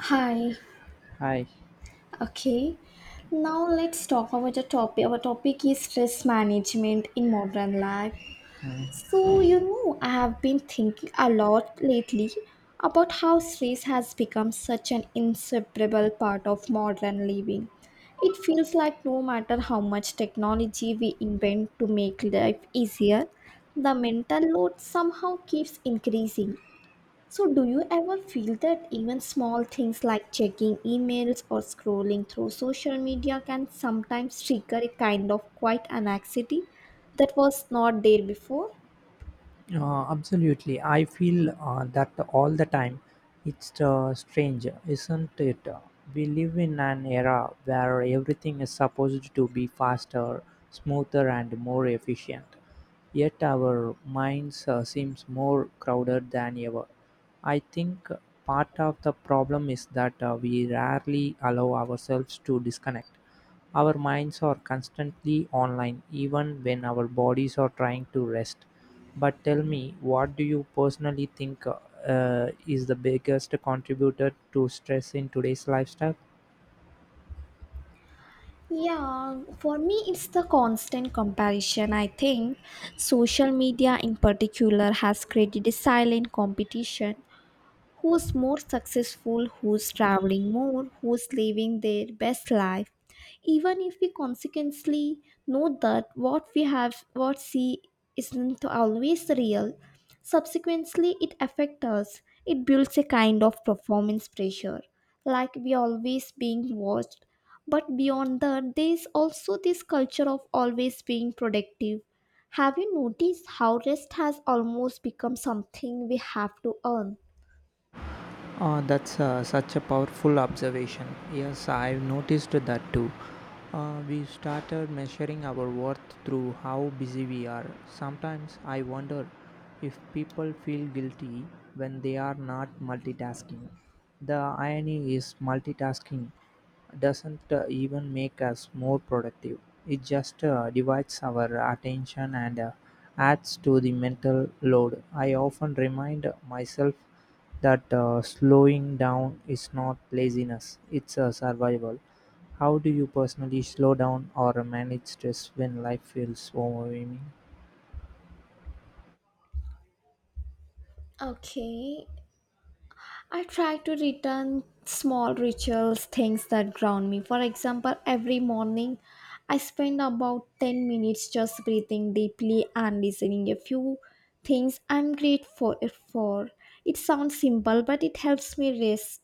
Hi. Hi. Okay. Now let's talk about the topic. Our topic is stress management in modern life. Hi. I have been thinking a lot lately about how stress has become such an inseparable part of modern living. It feels like no matter how much technology we invent to make life easier, the mental load somehow keeps increasing. So, do you ever feel that even small things like checking emails or scrolling through social media can sometimes trigger a kind of quiet anxiety that was not there before? Absolutely. I feel that all the time. It's strange, isn't it? We live in an era where everything is supposed to be faster, smoother, and more efficient. Yet our minds seems more crowded than ever. I think part of the problem is that we rarely allow ourselves to disconnect. Our minds are constantly online, even when our bodies are trying to rest. But tell me, what do you personally think is the biggest contributor to stress in today's lifestyle? Yeah, for me, it's the constant comparison. I think social media, in particular, has created a silent competition who's more successful, who's traveling more, who's living their best life. Even if we consequently know that what we have, what see, isn't always real, subsequently it affects us. It builds a kind of performance pressure, like we always being watched. But beyond that, there's also this culture of always being productive. Have you noticed how rest has almost become something we have to earn? That's such a powerful observation. Yes, I've noticed that too. We started measuring our worth through how busy we are. Sometimes I wonder if people feel guilty when they are not multitasking. The irony is, multitasking doesn't even make us more productive, it just divides our attention and adds to the mental load. I often remind myself that slowing down is not laziness, it's a survival. How do you personally slow down or manage stress when life feels overwhelming? Okay, I try to return small rituals, things that ground me. For example, every morning I spend about 10 minutes just breathing deeply and listening a few things I'm grateful for. It sounds simple, but it helps me rest.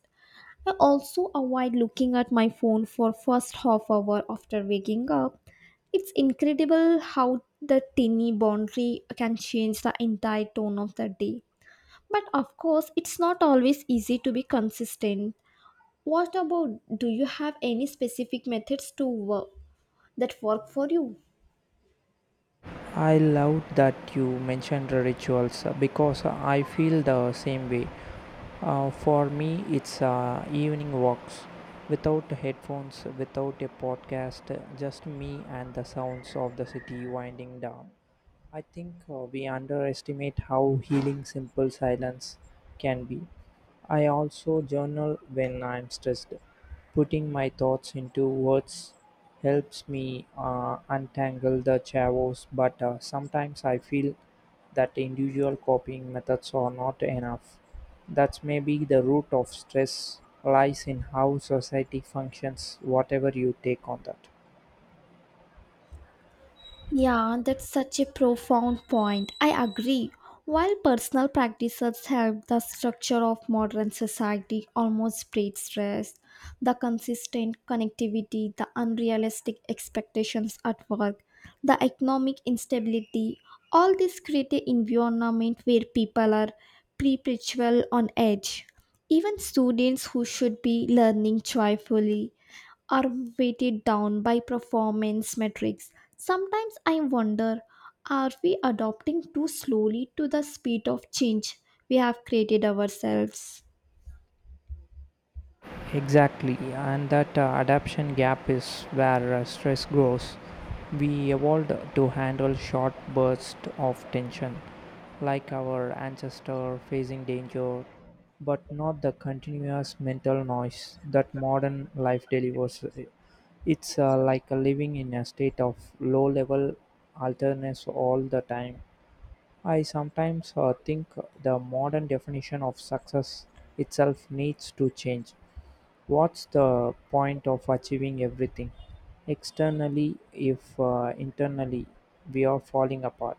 I also avoid looking at my phone for first half hour after waking up. It's incredible how the tiny boundary can change the entire tone of the day. But of course, it's not always easy to be consistent. What about do you have any specific methods to work that work for you? I love that you mentioned the rituals because I feel the same way. For me, it's evening walks without headphones, without a podcast, just me and the sounds of the city winding down. I think we underestimate how healing simple silence can be. I also journal when I'm stressed. Putting my thoughts into words helps me untangle the chavos, but sometimes I feel that individual coping methods are not enough. That's maybe the root of stress lies in how society functions, whatever you take on that. Yeah, that's such a profound point. I agree. While personal practices help, the structure of modern society almost breeds stress. The consistent connectivity, the unrealistic expectations at work, the economic instability, all this create an environment where people are perpetual on edge. Even students who should be learning joyfully are weighted down by performance metrics. Sometimes I wonder are we adopting too slowly to the speed of change we have created ourselves? Exactly, and that adaptation gap is where stress grows. We evolved to handle short bursts of tension, like our ancestor facing danger, but not the continuous mental noise that modern life delivers. It's like a living in a state of low level alertness all the time. I sometimes think the modern definition of success itself needs to change. What's the point of achieving everything externally if internally we are falling apart?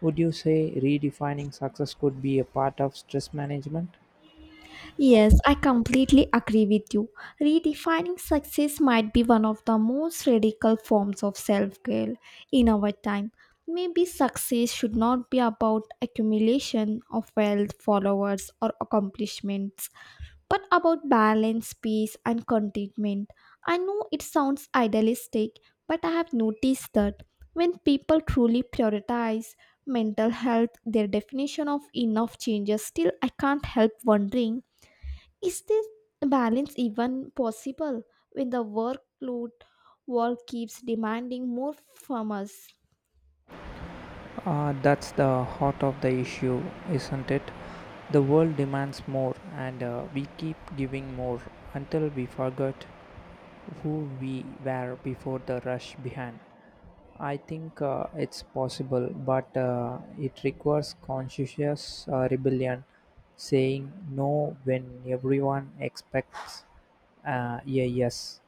Would you say redefining success could be a part of stress management? Yes, I completely agree with you. Redefining success might be one of the most radical forms of self care in our time. Maybe success should not be about accumulation of wealth, followers, or accomplishments, but about balance, peace, and contentment. I know it sounds idealistic, but I have noticed that when people truly prioritize mental health, their definition of enough changes. Still, I can't help wondering is this balance even possible when the workload world keeps demanding more from us? That's the heart of the issue, isn't it? The world demands more, and we keep giving more until we forget who we were before the rush behind. I think it's possible, but it requires conscious rebellion, saying no when everyone expects a yes,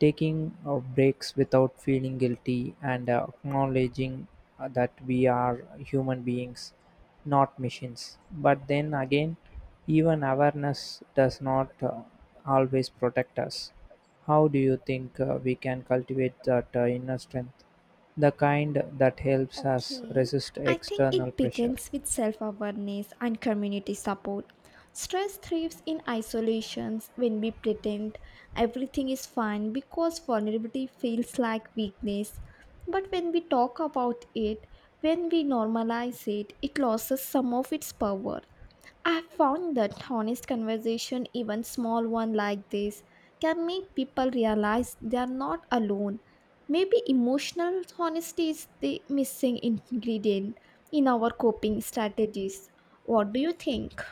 taking breaks without feeling guilty, and acknowledging that we are human beings, not machines. But then again, even awareness does not always protect us. How do you think we can cultivate that inner strength, the kind that helps us Okay, resist I think external it pressure? begins with self awareness and community support. Stress thrives in isolations when we pretend everything is fine because vulnerability feels like weakness. But when we talk about it, when we normalize it, it loses some of its power. I found that honest conversation, even small one like this, can make people realize they are not alone. Maybe emotional honesty is the missing ingredient in our coping strategies. What do you think?